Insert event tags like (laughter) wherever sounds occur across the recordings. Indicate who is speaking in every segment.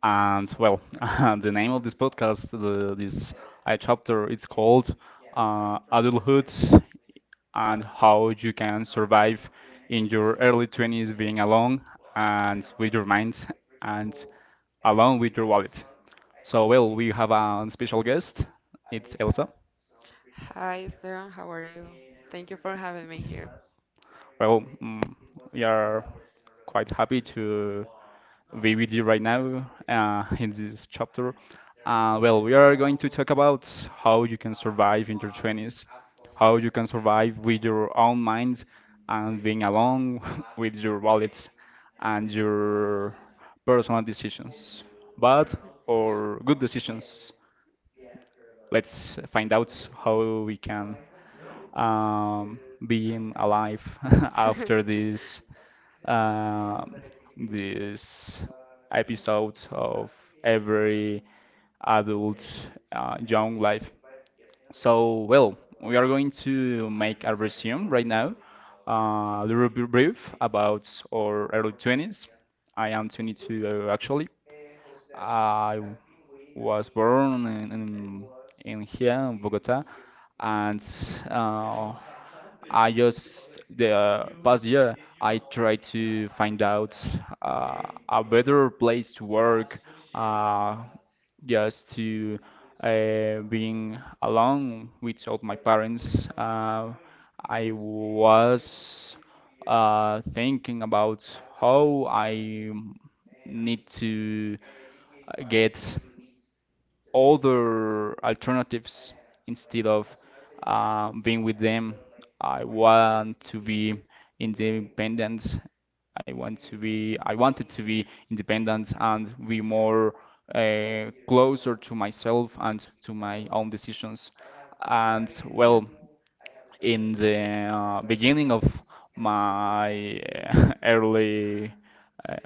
Speaker 1: and (laughs) the name of this podcast, this chapter, it's called Adulthood and How You Can Survive in Your Early 20s Being Alone and with Your Mind and Alone with Your Wallet. We have a special guest. It's Elsa.
Speaker 2: Thank you for having me here.
Speaker 1: Well, mm, we are quite happy to. Be with you right now in this chapter. We are going to talk about how you can survive in your 20s, how you can survive with your own mind and being alone (laughs) with your wallets and your personal decisions, bad or good decisions. Let's find out how we can um, being alive (laughs) after
Speaker 2: (laughs)
Speaker 1: this um, these episodes of every adult young life. So, well, we are going to make a resume right now, a little bit brief about our early 20s. I am 22 actually. I was born in here in Bogota, and uh, I just the past year I try to find out uh, a better place to work, uh, just to being alone with all my parents. I was thinking about how I need to get other alternatives instead of being with them. I want to be independent. I wanted to be independent and be more closer to myself and to my own decisions. And
Speaker 2: Yeah.
Speaker 1: in the beginning of my (laughs) early, uh,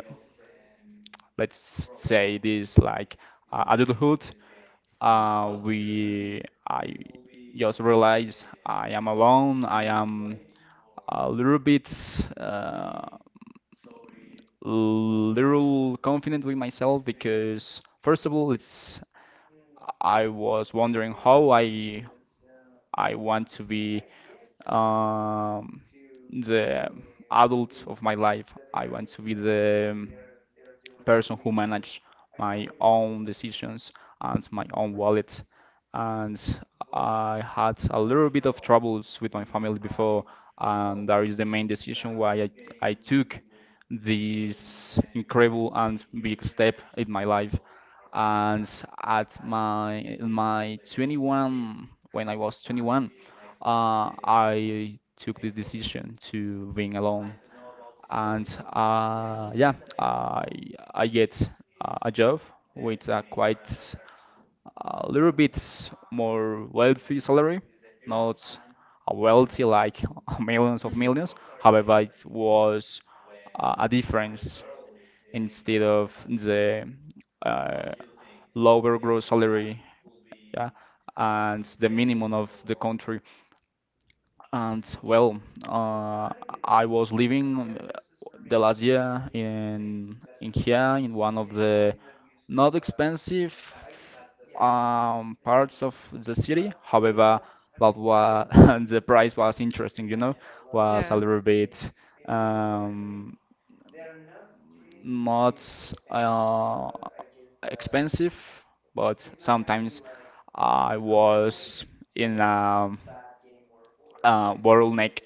Speaker 1: let's say this like adulthood, uh, we, I just realized I am alone. I am a little bit, uh, little confident with myself because first of all, it's I was wondering how I want to be um, the adult of my life. I want to be the person who manage my own decisions and my own wallet. And I had a little bit of troubles with my family before, and that is the main decision why I took this incredible and big step in my life and at my in my 21 when I was 21 uh, I took the decision to being alone and yeah, I I get a job with a quite a little bit more wealthy salary, not a wealthy like (laughs) millions of millions. However, it was a difference instead of the uh, lower gross salary, yeah, and the minimum of the country. And uh, I was living the last year in here in one of the not expensive parts of the city. However, that was (laughs) the price was interesting, you know, was a
Speaker 2: Yeah.
Speaker 1: little bit um, not uh, expensive, but sometimes I was in a bottleneck,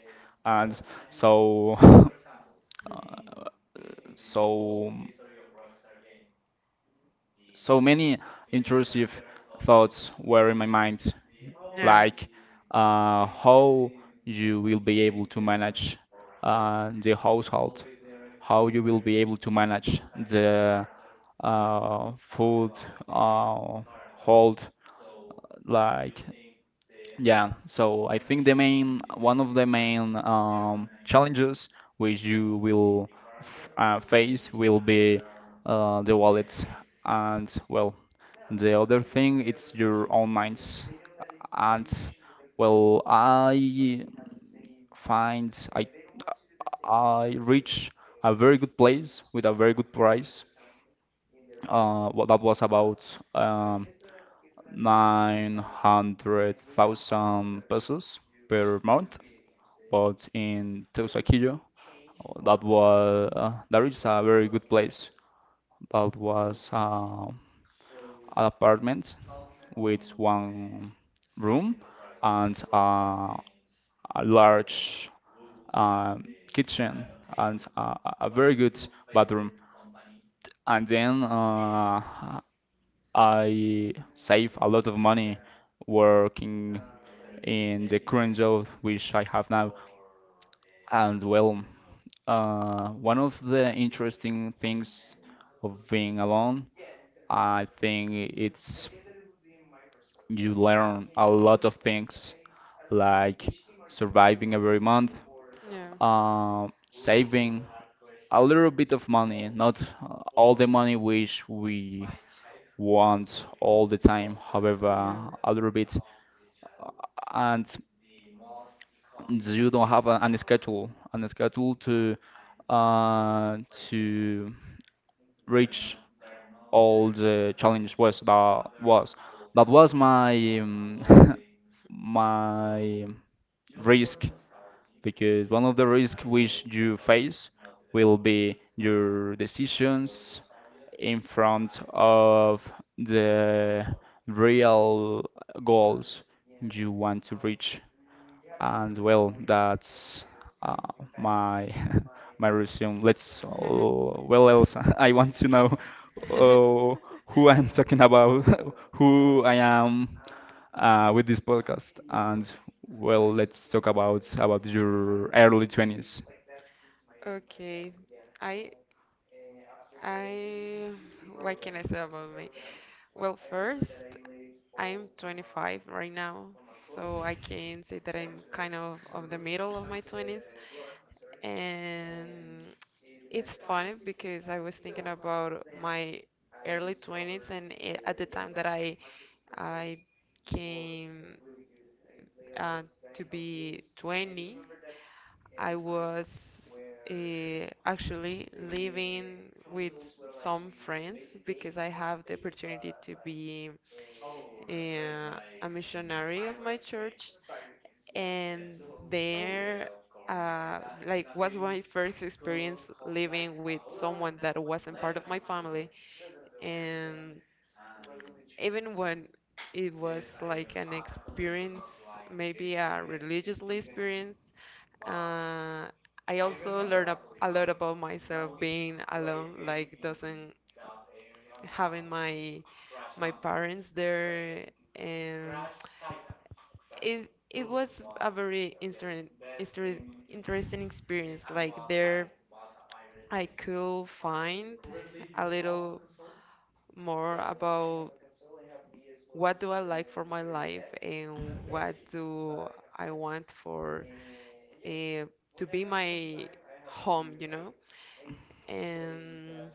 Speaker 1: and so (laughs) uh, so so many intrusive thoughts were in my mind,
Speaker 2: Yeah.
Speaker 1: like how you will be able to manage the household, how you will be able to manage the food uh, hold, like yeah, so I think the main one of the main challenges which you will face will be the wallet, and the other thing it's your own minds. And well, I find I reach a very good place with a very good price. That was about 900,000 pesos per month, but in Teusaquillo, that is a very good place. That was an apartment with one room and a large um kitchen and a very good bathroom. And then I save a lot of money working in the current job which I have now. And one of the interesting things of being alone, I think it's you learn a lot of things like surviving every month, saving a little bit of money, not all the money which we want all the time, however,
Speaker 2: Yeah. Yeah.
Speaker 1: a little bit, and you don't have an schedule to uh, to reach all the challenge was that was that was my (laughs) my risk, because one of the risks which you face will be your decisions in front of the real goals you want to reach. And well, that's uh, my (laughs) my resume. Let's else (laughs) I want to know uh,
Speaker 2: (laughs)
Speaker 1: who I'm talking about, (laughs) who I am with this podcast, and well, let's talk about your early 20s.
Speaker 2: Okay. I I what can I say about me? Well, first, I'm 25 right now, so I can say that I'm kind of the middle of my 20s, and it's funny because I was thinking about my early 20s and at the time that I came uh, to be 20. I was actually living with some friends because I have the opportunity to be a missionary of my church, and there, uh, like, was my first experience living with someone that wasn't part of my family. And even when it was like an experience, maybe a religious experience, Uh, I also learned a lot about myself being alone, like doesn't having my parents there. And it was a very interesting experience. Like there, I could find a little more about what do I like for my life and what do I want for, uh, to be my home, you know? And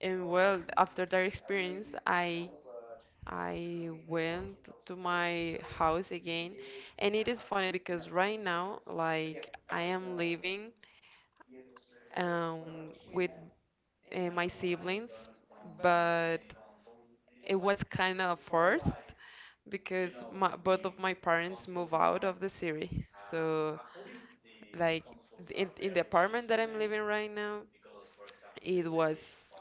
Speaker 2: and well, after that experience, I went to my house again. And it is funny because right now, like I am living with my siblings, but it was kind of forced because both of my parents move out of the city. So, like in the apartment that I'm living right now, it was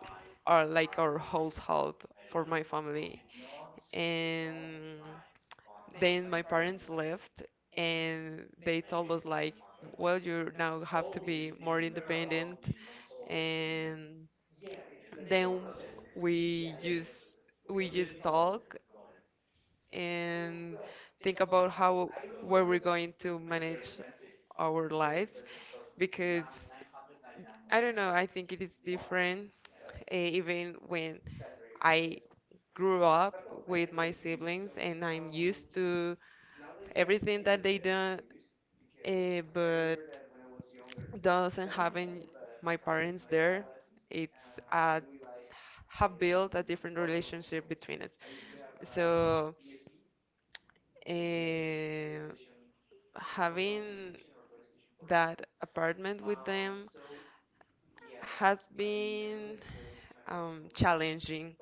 Speaker 2: our, like, our household for my family. And then my parents left and they told us like, well, you now have to be more independent, and then we just we just talk and think about how where we're going to manage our lives, because I don't know, I think it is different, even when I grew up with my siblings and I'm used to everything that they do, but doesn't having my parents there, it's a have built a different relationship between us. So eh, having that apartment with them has been challenging,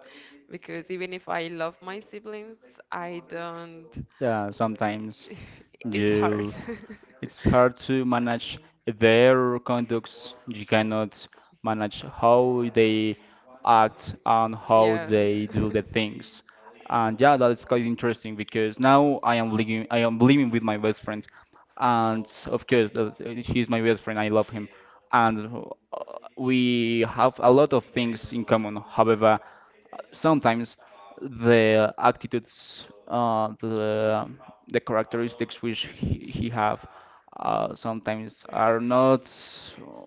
Speaker 2: because even if I love my siblings, I don't.
Speaker 1: Yeah, sometimes
Speaker 2: (laughs) It's hard.
Speaker 1: you
Speaker 2: (laughs)
Speaker 1: it's hard to manage their conducts. You cannot manage how they act and
Speaker 2: Yeah.
Speaker 1: how they do
Speaker 2: (laughs)
Speaker 1: the things. And yeah, that's quite interesting, because now I am living with my best friend, and of course that he's my best friend, I love him, and uh, we have a lot of things in common. However, sometimes the attitudes, the characteristics which he have, sometimes are not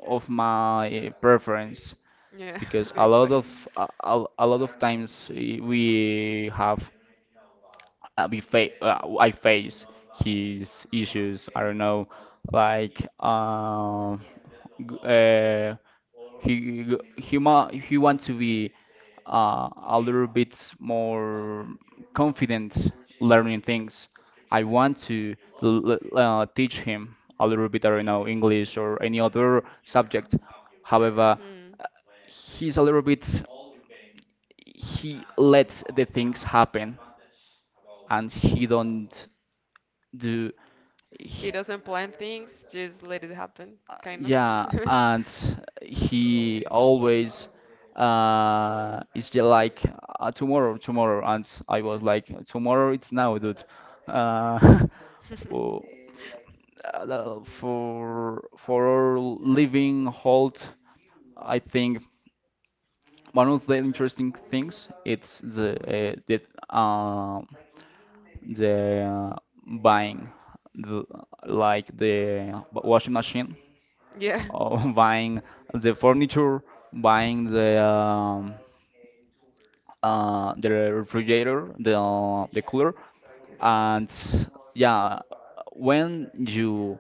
Speaker 1: of my preference,
Speaker 2: Yeah,
Speaker 1: because a
Speaker 2: (laughs)
Speaker 1: lot of
Speaker 2: exactly.
Speaker 1: a lot of times, we have we fa I face his issues. I don't know, like g he g- he ma he wants to be a little bit more confident learning things. I want to teach him a little bit. I don't know English or any other subject. However,
Speaker 2: Mm.
Speaker 1: he's a little bit, he lets the things happen, and he don't do.
Speaker 2: He doesn't plan things, just let it happen, kind of.
Speaker 1: Yeah, and he always is just like tomorrow, tomorrow, and I was like, tomorrow it's now, dude. Uh, (laughs)
Speaker 2: (laughs)
Speaker 1: w- for our living halt, I think one of the interesting things it's um the uh, buying the, like the washing machine,
Speaker 2: Yeah.
Speaker 1: (laughs) buying the furniture, buying the refrigerator, the cooler, and yeah, when you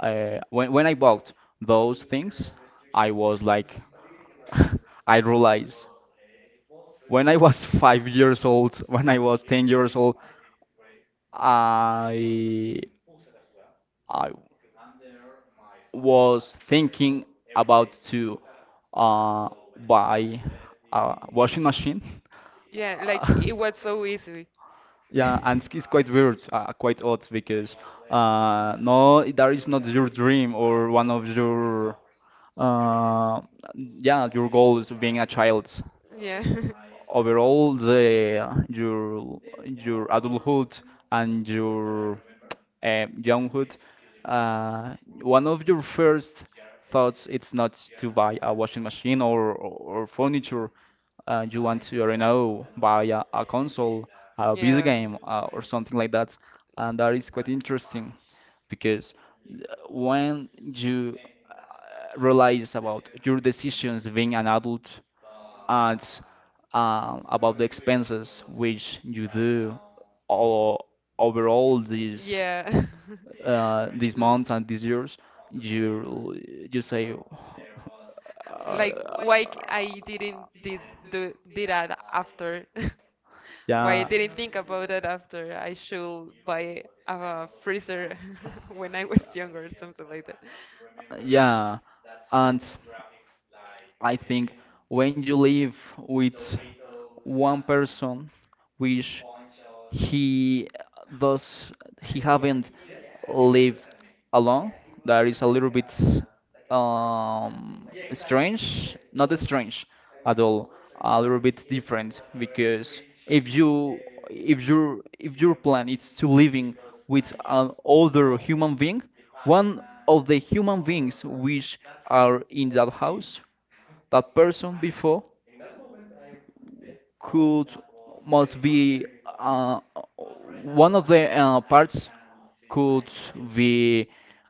Speaker 1: when I bought those things, I was like, (laughs) I realized when I was (laughs) 5 years old, when I was 10 years old, I I was thinking about to uh, buy a washing machine. (laughs)
Speaker 2: Yeah, like
Speaker 1: Uh,
Speaker 2: it was so easy. (laughs)
Speaker 1: yeah, and it's quite weird, quite odd, because no, that is not your dream or one of your uh, yeah your goals of being a child.
Speaker 2: Yeah. (laughs)
Speaker 1: Overall, the your adulthood and your younghood. Uh, One of your first thoughts it's not to buy a washing machine, or furniture. You want to, I don't know, buy a console, a video
Speaker 2: Yeah.
Speaker 1: game, or something like that. And that is quite interesting, because when you realize about your decisions being an adult, and about the expenses which you do all, overall these
Speaker 2: Yeah. (laughs)
Speaker 1: this
Speaker 2: L-
Speaker 1: month and these years, you you say,
Speaker 2: Like
Speaker 1: uh,
Speaker 2: I didn't did do did that after? (laughs) Why
Speaker 1: yeah.
Speaker 2: I didn't think about it after I should buy a freezer (laughs) when I was younger or something like that.
Speaker 1: Yeah, and I think when you live with one person which he does he haven't lived alone, that is a little bit strange, not strange at all, a little bit different, because if your plan is to living with an older human being, one of the human beings which are in that house, that person before could must be uh, one of the parts could be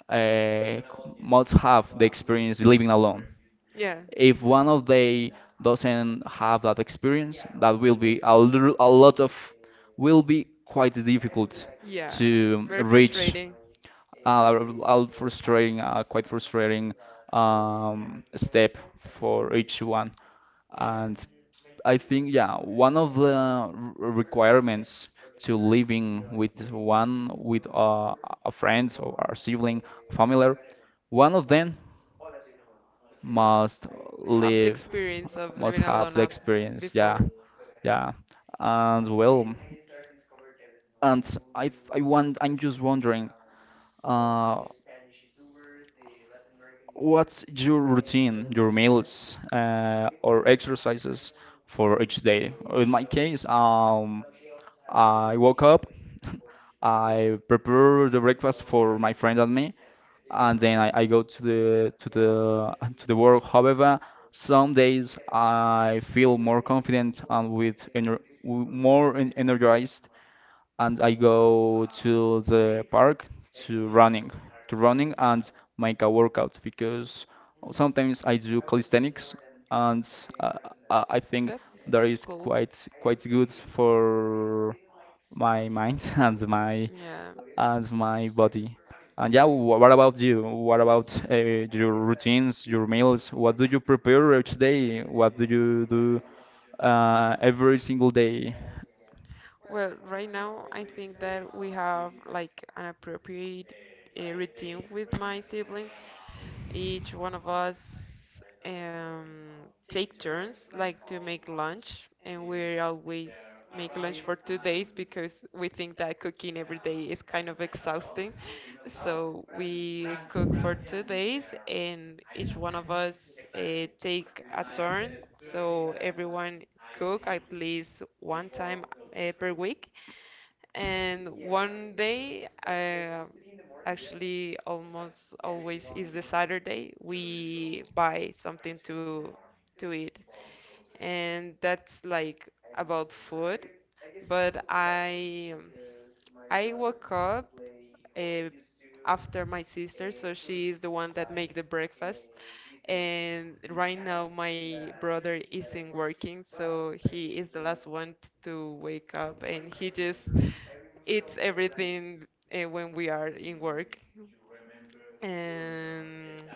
Speaker 1: uh, must have the experience living alone.
Speaker 2: Yeah,
Speaker 1: If one of they doesn't have that experience, that will be a little, a lot of will be quite difficult
Speaker 2: yeah,
Speaker 1: to
Speaker 2: very
Speaker 1: reach
Speaker 2: frustrating.
Speaker 1: uh, a frustrating, quite frustrating step for each one. And I think, yeah, one of the requirements to living with one with a friend or a sibling, familiar, one of them must
Speaker 2: Have the
Speaker 1: live,
Speaker 2: experience of living
Speaker 1: must
Speaker 2: alone
Speaker 1: have the
Speaker 2: after,
Speaker 1: experience. Yeah,
Speaker 2: before.
Speaker 1: yeah. And well, and I'm just wondering, uh, what's your routine, your meals, or exercises for each day? In my case, I woke up, (laughs) I prepare the breakfast for my friend and me, and then I go to the (laughs) to the work. However, some days I feel more confident and with more en energized, and I go to the park to running, and make a workout, because sometimes I do calisthenics, and uh, I think
Speaker 2: That's
Speaker 1: that is
Speaker 2: cool.
Speaker 1: quite good for my mind (laughs)
Speaker 2: Yeah.
Speaker 1: and my body. And yeah, what about you? What about your routines, your meals? What do you prepare each day? What do you do every single day?
Speaker 2: Well, right now I think that we have like an appropriate a routine with my siblings. Each one of us, um, take turns, like to make lunch, and we always make lunch for 2 days because we think that cooking every day is kind of exhausting. So we cook for 2 days, and each one of us take a turn. So everyone cook at least one time per week, and one day, actually, almost always is the Saturday, we buy something to eat, and that's like about food. But I woke up uh, after my sister, so she is the one that make the breakfast. And right now my brother isn't working, so he is the last one to wake up, and he just eats everything when we are in work. And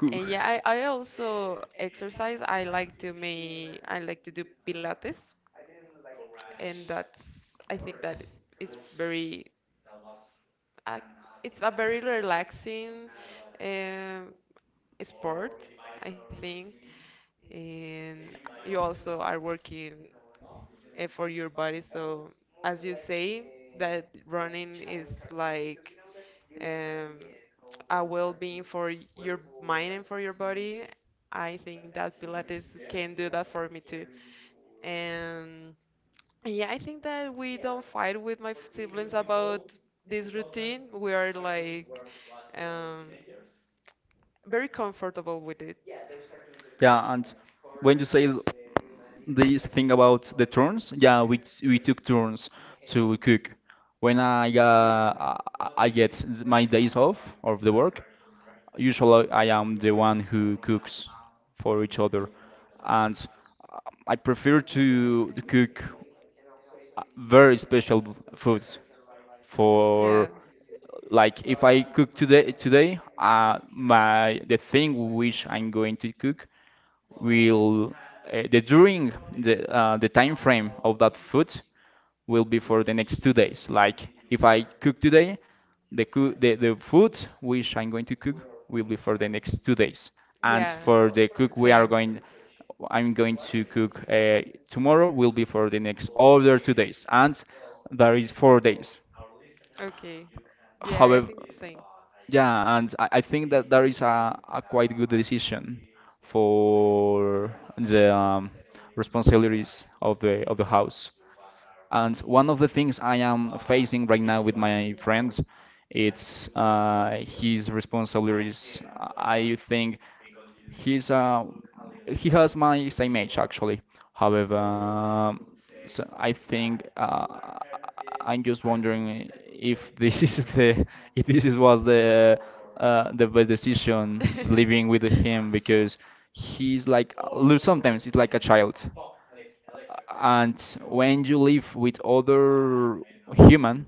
Speaker 1: Who,
Speaker 2: and yeah, I also exercise. I like to make I like to do Pilates, and that's, I think that it's very, uh, it's a very relaxing um sport, I think. And you also are working for your body. So, as you say, that running is like, um, a well-being for your mind and for your body. I think that Pilates can do that for me too. And yeah, I think that we don't fight with my siblings about this routine. We are like, um, very comfortable with it.
Speaker 1: yeah, and when you say this thing about the turns, yeah, we took turns to cook. When I get my days off of the work, usually I am the one who cooks for each
Speaker 2: Hmm.
Speaker 1: other, and I prefer to cook very special foods
Speaker 2: Yeah.
Speaker 1: for, like, if I cook today my the thing which I'm going to cook will the during the time frame of that food will be for the next 2 days. Like if I cook today, the food which I'm going to cook will be for the next 2 days, and
Speaker 2: Yeah,
Speaker 1: for the cook we are
Speaker 2: same.
Speaker 1: going, I'm going to cook tomorrow will be for the next other 2 days, and there is 4 days.
Speaker 2: Okay. Yeah, I
Speaker 1: However,
Speaker 2: think same.
Speaker 1: yeah, and I think that there is a quite good decision for the, responsibilities of the house. And one of the things I am facing right now with my friends, it's his responsibilities. I think He's uh he has my same age, actually. However,
Speaker 2: Mhm.
Speaker 1: so I think, I'm just wondering if this is the if this is was the best decision living with
Speaker 2: (laughs)
Speaker 1: him, because sometimes he's like a child. And when you live with other human,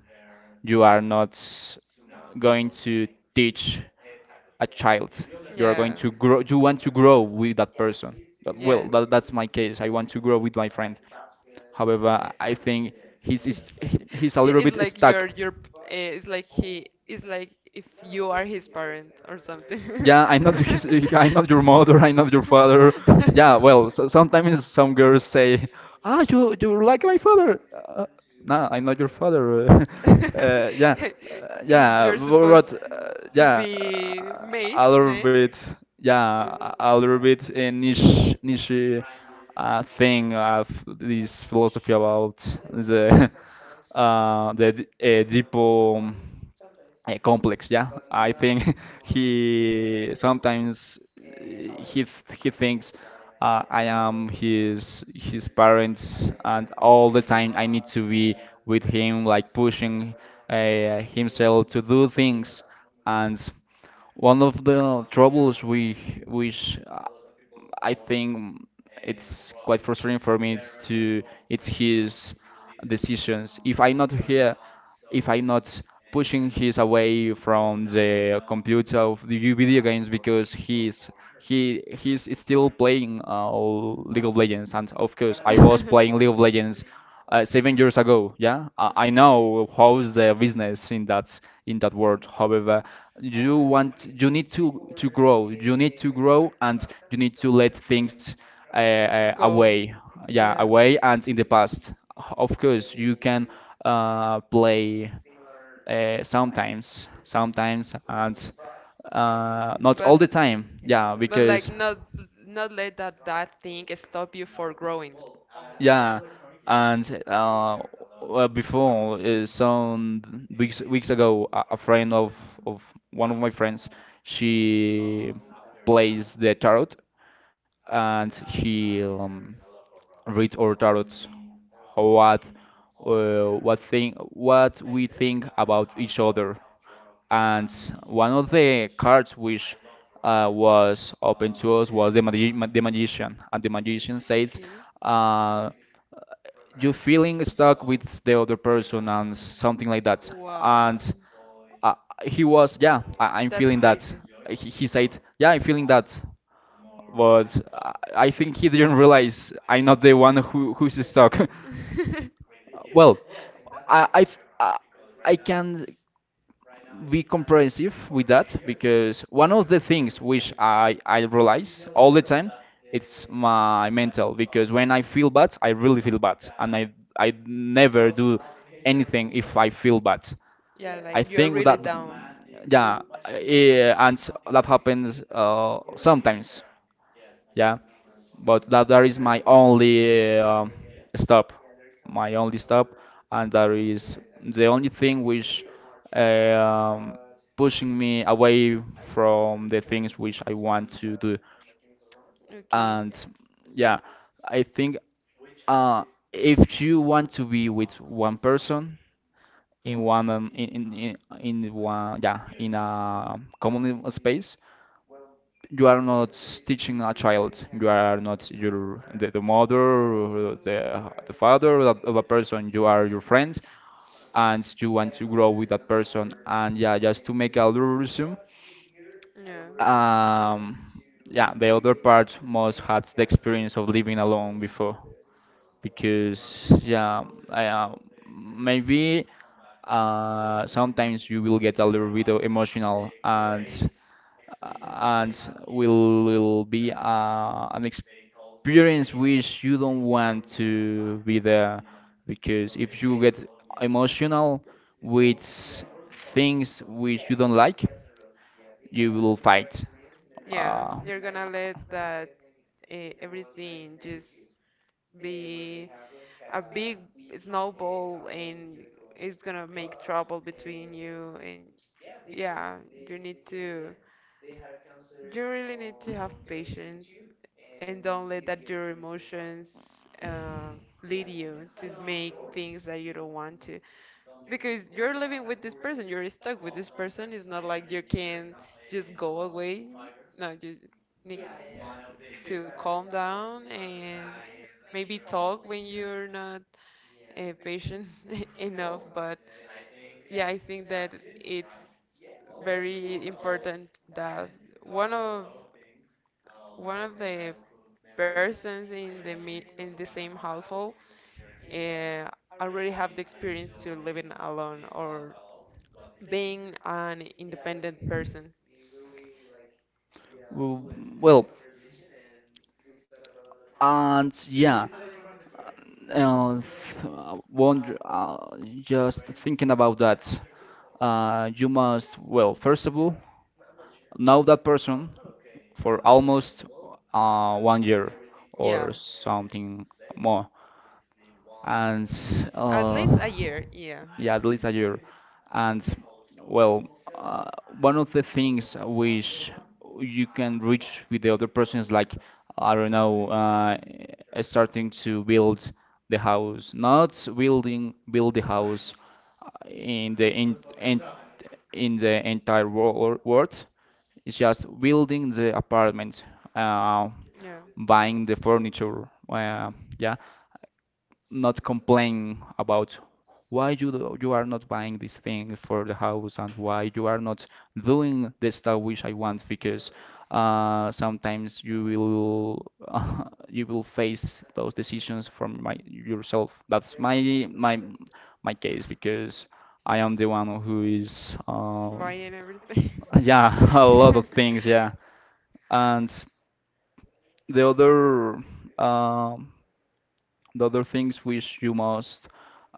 Speaker 1: you are not going to teach a child. You are going
Speaker 2: Yeah.
Speaker 1: to grow. You want to grow with that person. That, well, that's my case. I want to grow with my friends.
Speaker 2: Yeah.
Speaker 1: However, I think he's
Speaker 2: (laughs) I-
Speaker 1: is- he's a little
Speaker 2: It's
Speaker 1: bit
Speaker 2: like
Speaker 1: stuck.
Speaker 2: your it's like he it's like if you are his parent or something.
Speaker 1: (laughs) Yeah, I'm not
Speaker 2: (laughs)
Speaker 1: his, (laughs) I'm not your mother, I'm not your father. Yeah, well, so sometimes some girls say, "Ah, you're like my father." No, I'm not your father. (laughs) Yeah, yeah,
Speaker 2: You're supposed
Speaker 1: but
Speaker 2: to
Speaker 1: yeah,
Speaker 2: be mates,
Speaker 1: a little
Speaker 2: ne? (laughs)
Speaker 1: bit, yeah, a little bit, a niche thing of this philosophy about the, (laughs) deep. Complex. Yeah, I think, (laughs) he sometimes, he thinks I am his parents, and all the time I need to be with him, like pushing himself to do things. And one of the troubles, we which, I think, it's quite frustrating for me, is to it's his decisions. If I'm not here, if I'm not pushing his away from the computer of the video games, because he's still playing League of Legends, and of course I was playing League of Legends 7 years ago. Yeah, I know how's the business in that world. However, you need to grow, you need to grow, and you need to let things
Speaker 2: Go.
Speaker 1: away, yeah,
Speaker 2: Yeah.
Speaker 1: away. And in the past, of course, you can play sometimes, and not
Speaker 2: But
Speaker 1: all the time, yeah,
Speaker 2: but like
Speaker 1: because
Speaker 2: not let that thing stop you for growing.
Speaker 1: yeah. And well, before, some weeks ago, a friend of of one of my friends, she plays the tarot, and she, reads our tarots, what, what thing, what we think about each other. And one of the cards which, was open to us was the magician, and the magician says,
Speaker 2: Okay.
Speaker 1: uh, "You feeling stuck with the other person and something like that."
Speaker 2: Wow.
Speaker 1: And uh, he was, yeah, I'm
Speaker 2: That's
Speaker 1: feeling that.
Speaker 2: crazy.
Speaker 1: He said, "Yeah, I'm feeling that." But I think he didn't realize I'm not the one who's stuck.
Speaker 2: (laughs)
Speaker 1: (laughs) Well, I I I I can be comprehensive with that, because one of the things which I realize all the time, it's my mental, because when I feel bad, I really feel bad, and I never do anything if I feel bad.
Speaker 2: Yeah,
Speaker 1: I
Speaker 2: like you're
Speaker 1: think
Speaker 2: really
Speaker 1: that,
Speaker 2: down.
Speaker 1: yeah, and that happens sometimes. Yeah, but that is my only, stop, my only stop, and that is the only thing which, um, pushing me away from the things which I want to do.
Speaker 2: Okay.
Speaker 1: And yeah, I think, uh, if you want to be with one person in one, in one, yeah, in a common space, you are not teaching a child. You are not the mother, or the father of a person. You are your friends, and you want to grow with that person. And yeah, just to make a little resume,
Speaker 2: Yeah.
Speaker 1: um, yeah, the other part must had the experience of living alone before, because yeah, maybe, sometimes you will get a little bit of emotional, and will be an experience which you don't want to be there, because if you get emotional with things which you don't like, you will fight.
Speaker 2: Yeah,
Speaker 1: Uh,
Speaker 2: you're gonna let that, everything just be a big snowball, and it's gonna make trouble between you and, yeah, you really need to have patience, and don't let that your emotions, lead you to make things that you don't want to, because you're living with this person, you're stuck with this person. It's not like you can just go away. No, you need to (laughs) calm down and maybe talk when you're not, patient (laughs) enough. But yeah, I think that it's very important that one of one of the persons in the mi in the same household uh, already have the experience to living alone or being an independent person.
Speaker 1: W- Well, and yeah, uh, wonder, just thinking about that, you must, well, first of all, know that person for almost, one year
Speaker 2: Yeah.
Speaker 1: or something more, and
Speaker 2: At
Speaker 1: uh,
Speaker 2: least a year, yeah.
Speaker 1: yeah, at least a year, and, well, uh, one of the things which you can reach with the other person is like, I don't know, starting to build the house, not build the house in in the entire world. It's just building the apartment, uh,
Speaker 2: Yeah.
Speaker 1: buying the furniture. Yeah, not complain about why you are not buying this thing for the house, and why you are not doing the stuff which I want, because sometimes you will (laughs) you will face those decisions from my yourself. That's my case, because I am the one who is,
Speaker 2: Buying everything.
Speaker 1: yeah, (laughs) a
Speaker 2: (laughs)
Speaker 1: lot of things, yeah. And the other. um the other things which you must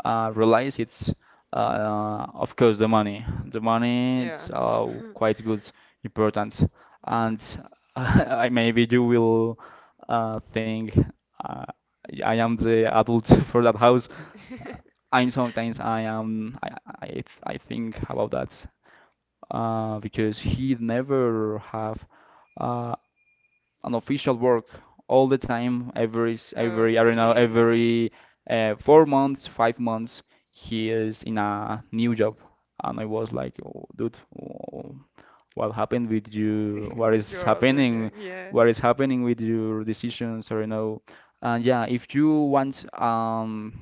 Speaker 1: realize, it's, of course, the money. The money, it's
Speaker 2: Yeah. (laughs)
Speaker 1: quite good, important, and (laughs) I maybe you will think, uh, I am the adult (laughs) for that house. I'm Sometimes I think about that, because he never have. Uh, an official work all the time, every, I don't know,
Speaker 2: Okay.
Speaker 1: every 4 months, 5 months, he is in a new job, and I was like, oh, dude, oh, what happened with you? What
Speaker 2: (laughs) With
Speaker 1: is
Speaker 2: your other
Speaker 1: happening?
Speaker 2: year, yeah.
Speaker 1: What is happening with your decisions? I don't know. And yeah, if you want,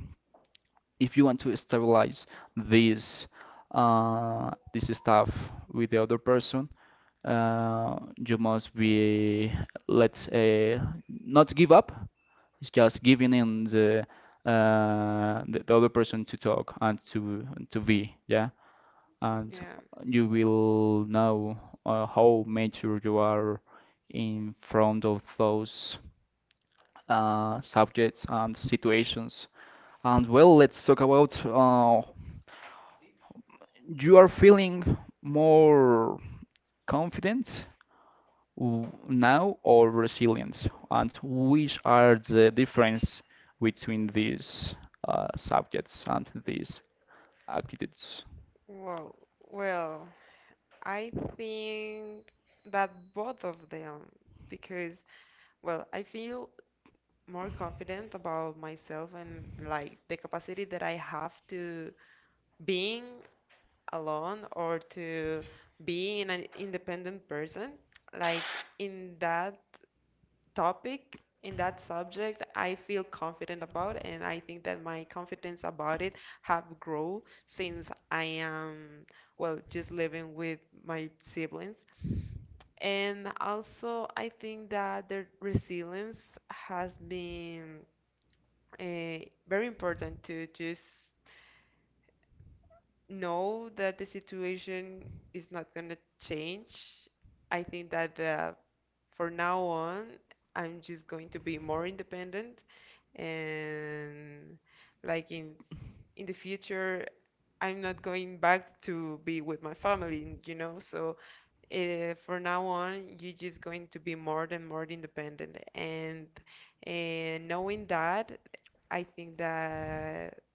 Speaker 1: if you want to stabilize this, this stuff with the other person, you must be, let's say, not give up. It's just giving in the, the other person, to talk and to be, yeah. And
Speaker 2: Yeah.
Speaker 1: you will know how mature you are in front of those, subjects and situations. And, well, let's talk about, you are feeling more confident, now, or resilience, and which are the difference between these, subjects and these attitudes?
Speaker 2: Wow. Well, I think that both of them, because, well, I feel more confident about myself and like the capacity that I have to being alone or to being an independent person. Like in that topic, in that subject, I feel confident about, and I think that my confidence about it have grown since I am, well, just living with my siblings. And also, I think that their resilience has been, very important to just know that the situation is not going to change. I think that for now on, I'm just going to be more independent, and like in the future, I'm not going back to be with my family, so from now on, you're just going to be more and more independent. and knowing that, I think that,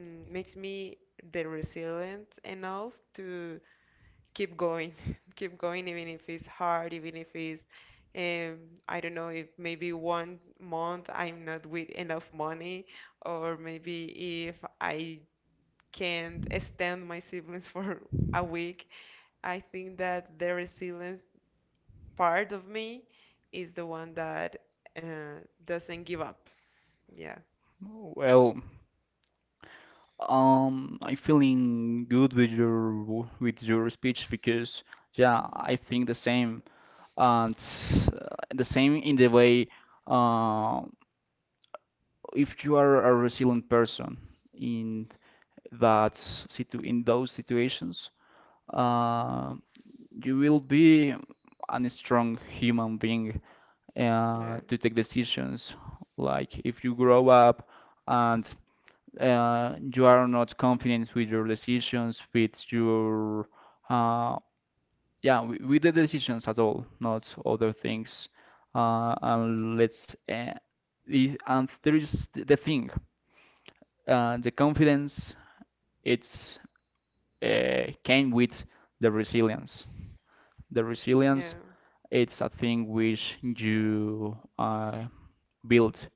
Speaker 2: makes me the resilient enough to keep going, (laughs) keep going, even if it's hard, even if it's, um, I don't know, if maybe one month I'm not with enough money, or maybe if I can't stand my siblings (laughs) for a week. I think that the resilience part of me is the one that, uh, doesn't give up. Yeah.
Speaker 1: Well, I'm feeling good with with your speech, because yeah, I think the same. And the same in the way, uh, if you are a resilient person in that situ in those situations. um you will be a strong human being,
Speaker 2: Yeah.
Speaker 1: to take decisions. Like if you grow up and, you are not confident with your decisions, with your, uh, yeah, with the decisions at all, not other things. And let's, and there is the thing, the confidence. It's, came with the resilience. The resilience,
Speaker 2: Yeah.
Speaker 1: it's a thing which you, built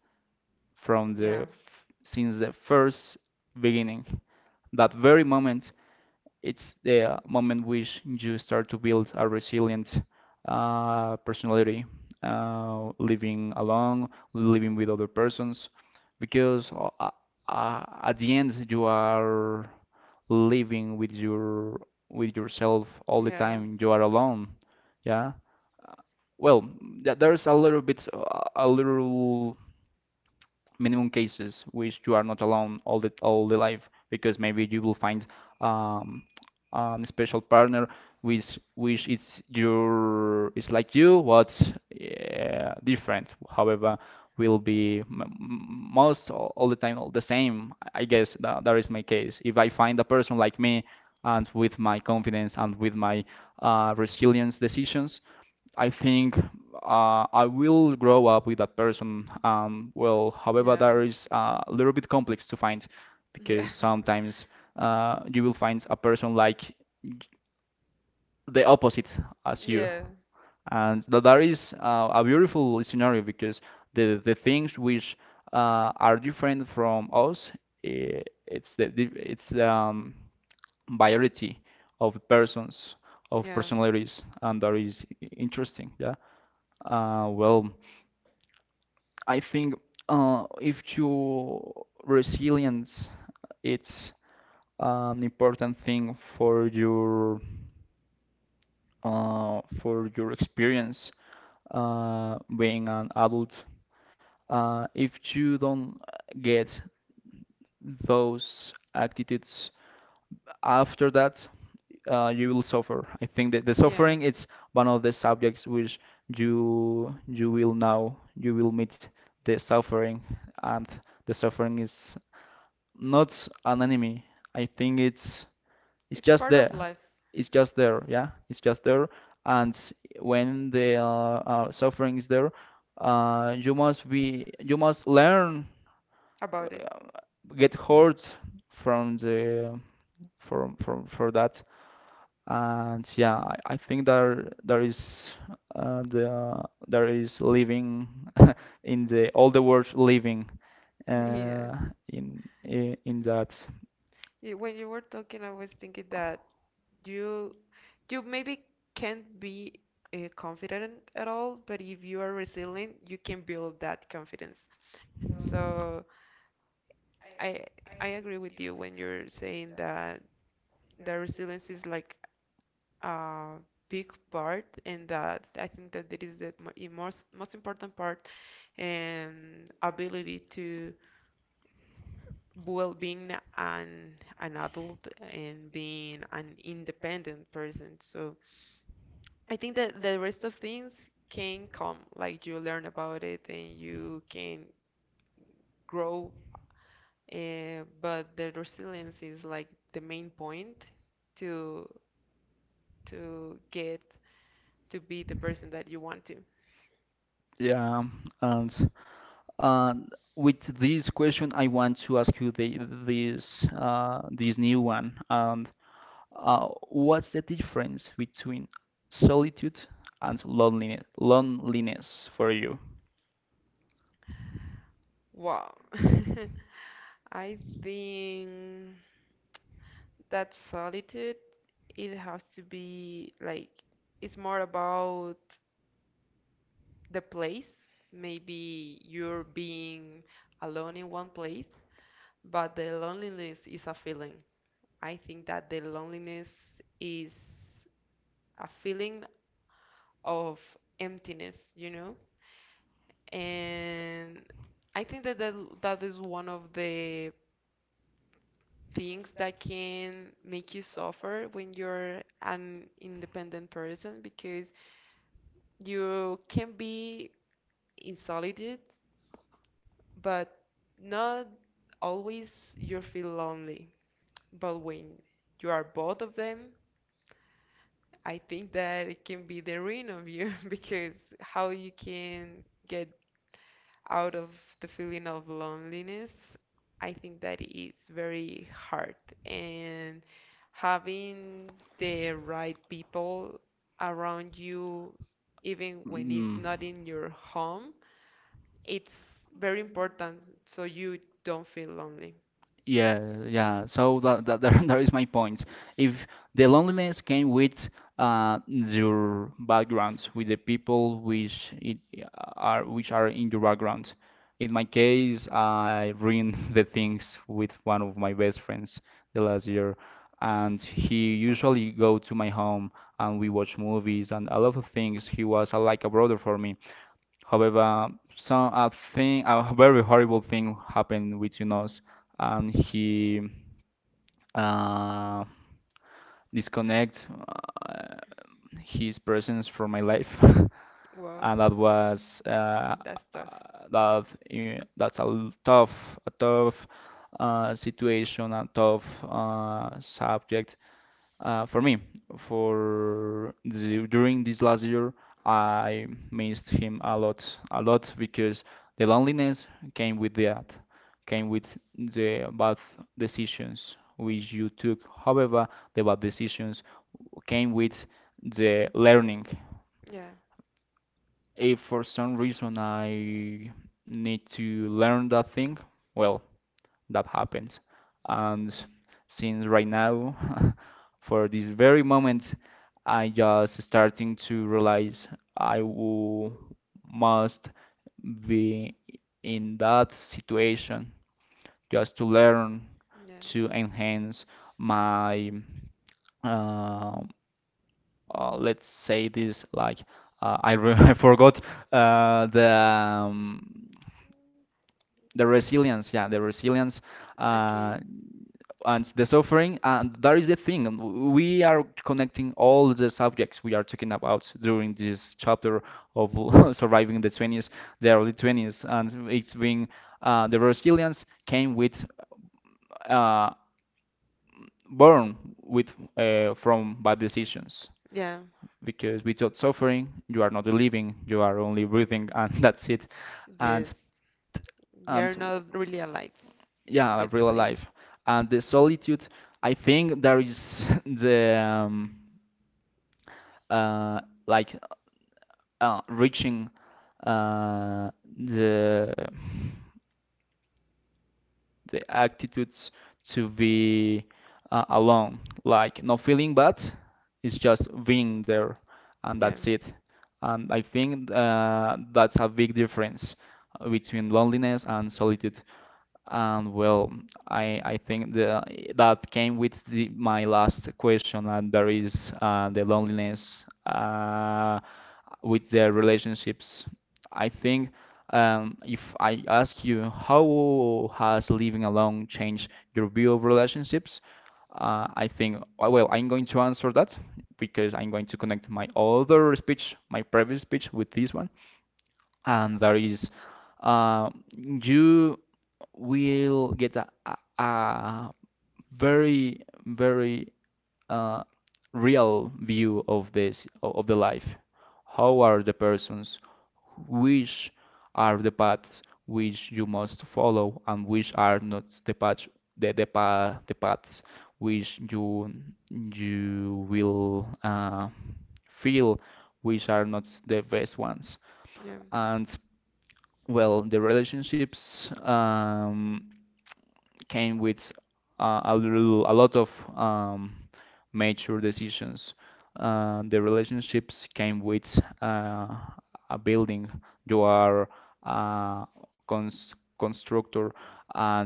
Speaker 1: from the
Speaker 2: Yeah.
Speaker 1: since the first beginning. That very moment, it's the moment which you start to build a resilient, personality, living alone, living with other persons, because, at the end, you are living with your with yourself all
Speaker 2: Yeah.
Speaker 1: the
Speaker 2: Yeah.
Speaker 1: time. You are alone, yeah. Well, there's a little bit, a little minimum cases which you are not alone all the life, because maybe you will find, um, a special partner which is your is like you, but yeah, different. However, will be most all the time, all the same. I guess that, that is my case. If I find a person like me, and with my confidence and with my, resilience decisions, I think, I will grow up with that person. Well, however,
Speaker 2: Yeah.
Speaker 1: that
Speaker 2: (laughs)
Speaker 1: is a little bit complex to find,
Speaker 2: Yeah. Yeah.
Speaker 1: because sometimes you will find a person like the opposite as you.
Speaker 2: Yeah.
Speaker 1: And that, that is a beautiful scenario, because the things which, are different from us, it's the it's variety of persons, of personalities, and that is interesting. Yeah. Well, I think, if you resilience, it's an important thing for your, for your experience, being an adult. If you don't get those attitudes after that, you will suffer. I think that the suffering is one of the subjects which you will know, you will meet the suffering, and the suffering is not an enemy. I think it's
Speaker 2: It's
Speaker 1: just
Speaker 2: part of
Speaker 1: there.
Speaker 2: life
Speaker 1: It's just there, yeah. It's just there. And when the, suffering is there, you must learn,
Speaker 2: about it.
Speaker 1: get hurt from the from for that. And yeah, I think there is, there is living in the all the world living,
Speaker 2: (laughs) Yeah.
Speaker 1: uh, in that,
Speaker 2: Yeah, when you were talking, I was thinking that you you maybe can't be, confident at all, but if you are resilient, you can build that confidence. So I I agree with you when you're saying that the resilience is like a big part, and that I think that it is the most important part and ability to well being an an adult and being an independent person. So I think that the rest of things can come, like you learn about it and you can grow, but the resilience is like the main point to to get to be the person that you want to.
Speaker 1: yeah, and. And with this question, I want to ask you this new one. And what's the difference between solitude and loneliness for you?
Speaker 2: Wow. (laughs) I think that solitude, it has to be like it's more about the place. Maybe you're being alone in one place. But the loneliness is a feeling. I think that the loneliness is a feeling of emptiness, you know? And I think that that is one of the things that can make you suffer when you're an independent person, because you can be in solitude, but not always you feel lonely. But when you are both of them, I think that it can be the ruin of you (laughs) because how you can get out of the feeling of loneliness, I think that is very hard. And having the right people around you, even when it's
Speaker 1: Mm.
Speaker 2: not in your home, it's very important so you don't feel lonely.
Speaker 1: Yeah, yeah. So that, that there (laughs) is my point. If the loneliness came with your background, with the people which it are which are in your background. In my case, I ruined (laughs) the things with one of my best friends the last year, and he
Speaker 2: Well,
Speaker 1: usually go to my home and we watch movies and a lot of things. He was like a brother for me. However, a very horrible thing happened between us, and he uh, disconnect his presence from my life, (laughs)
Speaker 2: well,
Speaker 1: and that was uh,
Speaker 2: that's tough.
Speaker 1: that's tough, a tough situation, a tough subject. For me, during this last year, I missed him a lot because the loneliness came with that, came with the bad decisions which you took. However, the bad decisions came with the learning.
Speaker 2: Yeah.
Speaker 1: If for some reason I need to learn that thing, well, that happens. And since right now, (laughs) for this very moment, I just starting to realize I will must be in that situation just to learn,
Speaker 2: Yeah.
Speaker 1: to enhance my uh, let's say this like I, re (laughs) I forgot uh, the um, the resilience, yeah, the resilience,
Speaker 2: Okay.
Speaker 1: uh, and the suffering. And that is the thing, and we are connecting all the subjects we are talking about during this chapter of (laughs) surviving the 20s, the early 20s, and it's has the resilience came with uh, born with from bad decisions,
Speaker 2: Yeah.
Speaker 1: because without suffering you are not living, you are only breathing, and (laughs) that's it.
Speaker 2: Yes.
Speaker 1: and
Speaker 2: You're
Speaker 1: and
Speaker 2: not really alive,
Speaker 1: yeah,
Speaker 2: let's
Speaker 1: real
Speaker 2: say.
Speaker 1: life. And the solitude, I think there is (laughs) the uh, like reaching uh, the the attitudes to be alone, like not feeling bad. It's just being there, and
Speaker 2: Yeah.
Speaker 1: that's it. And I think that's a big difference between loneliness and solitude. And well, I think the that came with my last question, and that is the loneliness with the relationships. I think if I ask you how has living alone changed your view of relationships, I think well, I'm going to answer that because I'm going to connect my other speech, my previous speech, with this one, and that is you we'll get a very, very uh, real view of this, of the life. How are the persons? Which are the paths which you must follow, and which are not the paths, the paths which you will feel which are not the best ones.
Speaker 2: Yeah.
Speaker 1: And well, the relationships, came with a lot of um, mature decisions. The relationships came with a building. You are a constructor, and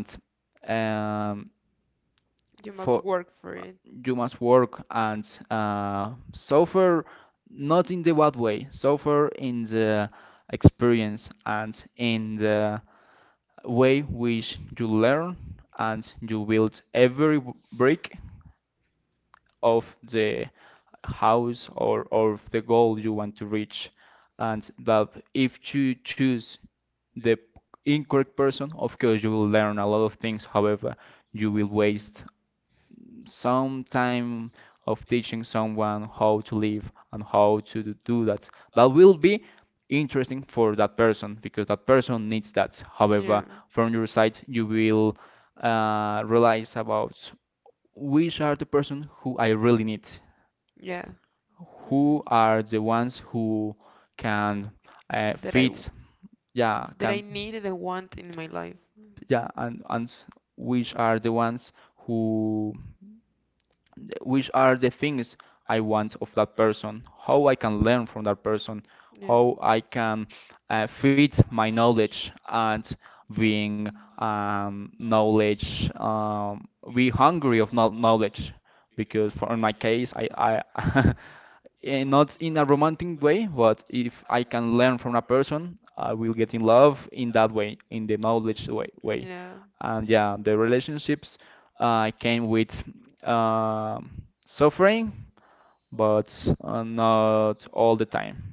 Speaker 1: um,
Speaker 2: You must
Speaker 1: for
Speaker 2: work for it.
Speaker 1: you must work and suffer, not in the bad way, suffer in the experience and in the way which you learn, and you build every brick of the house, or of the goal you want to reach. And that, if you choose the incorrect person, of course you will learn a lot of things. However, you will waste some time of teaching someone how to live and how to do that. That will be interesting for that person because that person needs that. However,
Speaker 2: Yeah.
Speaker 1: from your side, you will realize about which are the person who I really need,
Speaker 2: Yeah. Hmm.
Speaker 1: who are the ones who can
Speaker 2: That I w-
Speaker 1: fit, yeah,
Speaker 2: that I
Speaker 1: can,
Speaker 2: need and I want in my life.
Speaker 1: yeah, and which are the ones who, which are the things I want of that person, how I can learn from that person,
Speaker 2: Yeah.
Speaker 1: how I can feed my knowledge and being knowledge, be hungry of knowledge. Because for in my case, I (laughs) not in a romantic way, but if I can learn from a person, I will get in love in that way, in the knowledge way, way.
Speaker 2: Yeah.
Speaker 1: And yeah, the relationships came with suffering, but not all the time.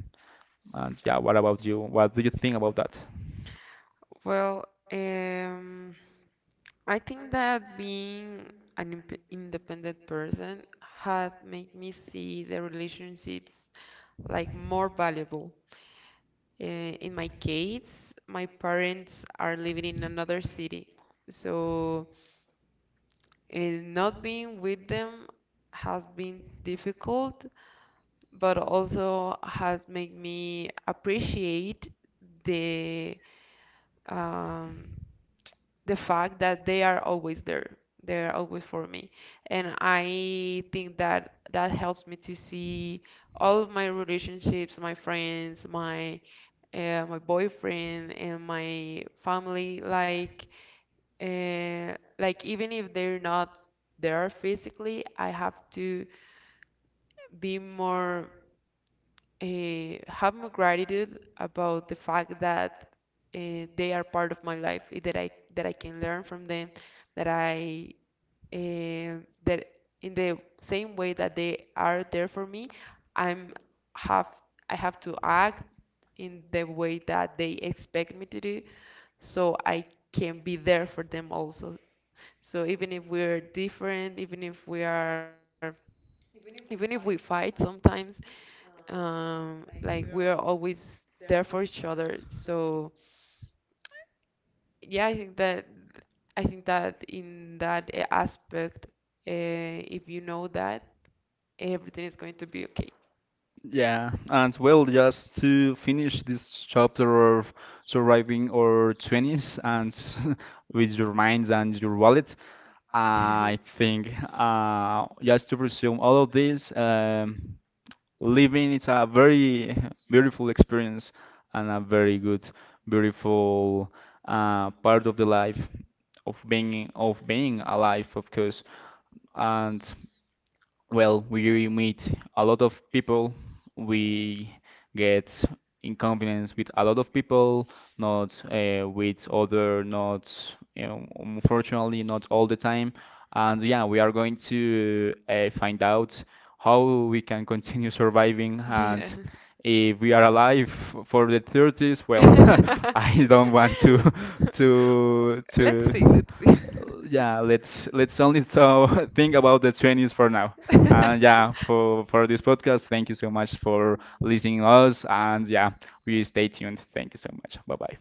Speaker 1: And yeah, what about you? What do you think about that?
Speaker 2: Well, um, I think that being an imp independent person had made me see the relationships like more valuable. In my case, my parents are living in another city, so not being with them has been difficult, but also has made me appreciate the um, the fact that they are always there. They are always for me. And I think that that helps me to see all of my relationships, my friends, my boyfriend and my family, like even if they're not there physically, I have to be more have more gratitude about the fact that, they are part of my life, that I can learn from them, that I and that in the same way that they are there for me, I'm have I have to act in the way that they expect me to do so I can be there for them also. So even if we're different, even if we fight sometimes, like we're always there for each other. So yeah, I think that in that aspect, if you know that, everything is going to be okay.
Speaker 1: Yeah, and well, just to finish this chapter of surviving our 20s and (laughs) with your minds and your wallet, I think
Speaker 2: (laughs)
Speaker 1: just to resume all of this. Living is a very (laughs) beautiful experience and a very good, beautiful part of the life of being alive, of course. And well, we meet a lot of people. We get in confidence with a lot of people, not with other, not, you know, unfortunately, not all the time. And yeah, we are going to find out how we can continue surviving, and
Speaker 2: Yeah.
Speaker 1: if we are alive for the 30s, well, (laughs)
Speaker 2: (laughs)
Speaker 1: I don't want to (laughs) to
Speaker 2: Let's see,
Speaker 1: to
Speaker 2: let's see.
Speaker 1: yeah, let's only so (laughs) think about the 20s for now. And yeah, for this podcast, thank you so much for listening us. And yeah, we stay tuned. Thank you so much.
Speaker 2: (laughs)
Speaker 1: Bye
Speaker 2: (laughs)
Speaker 1: bye.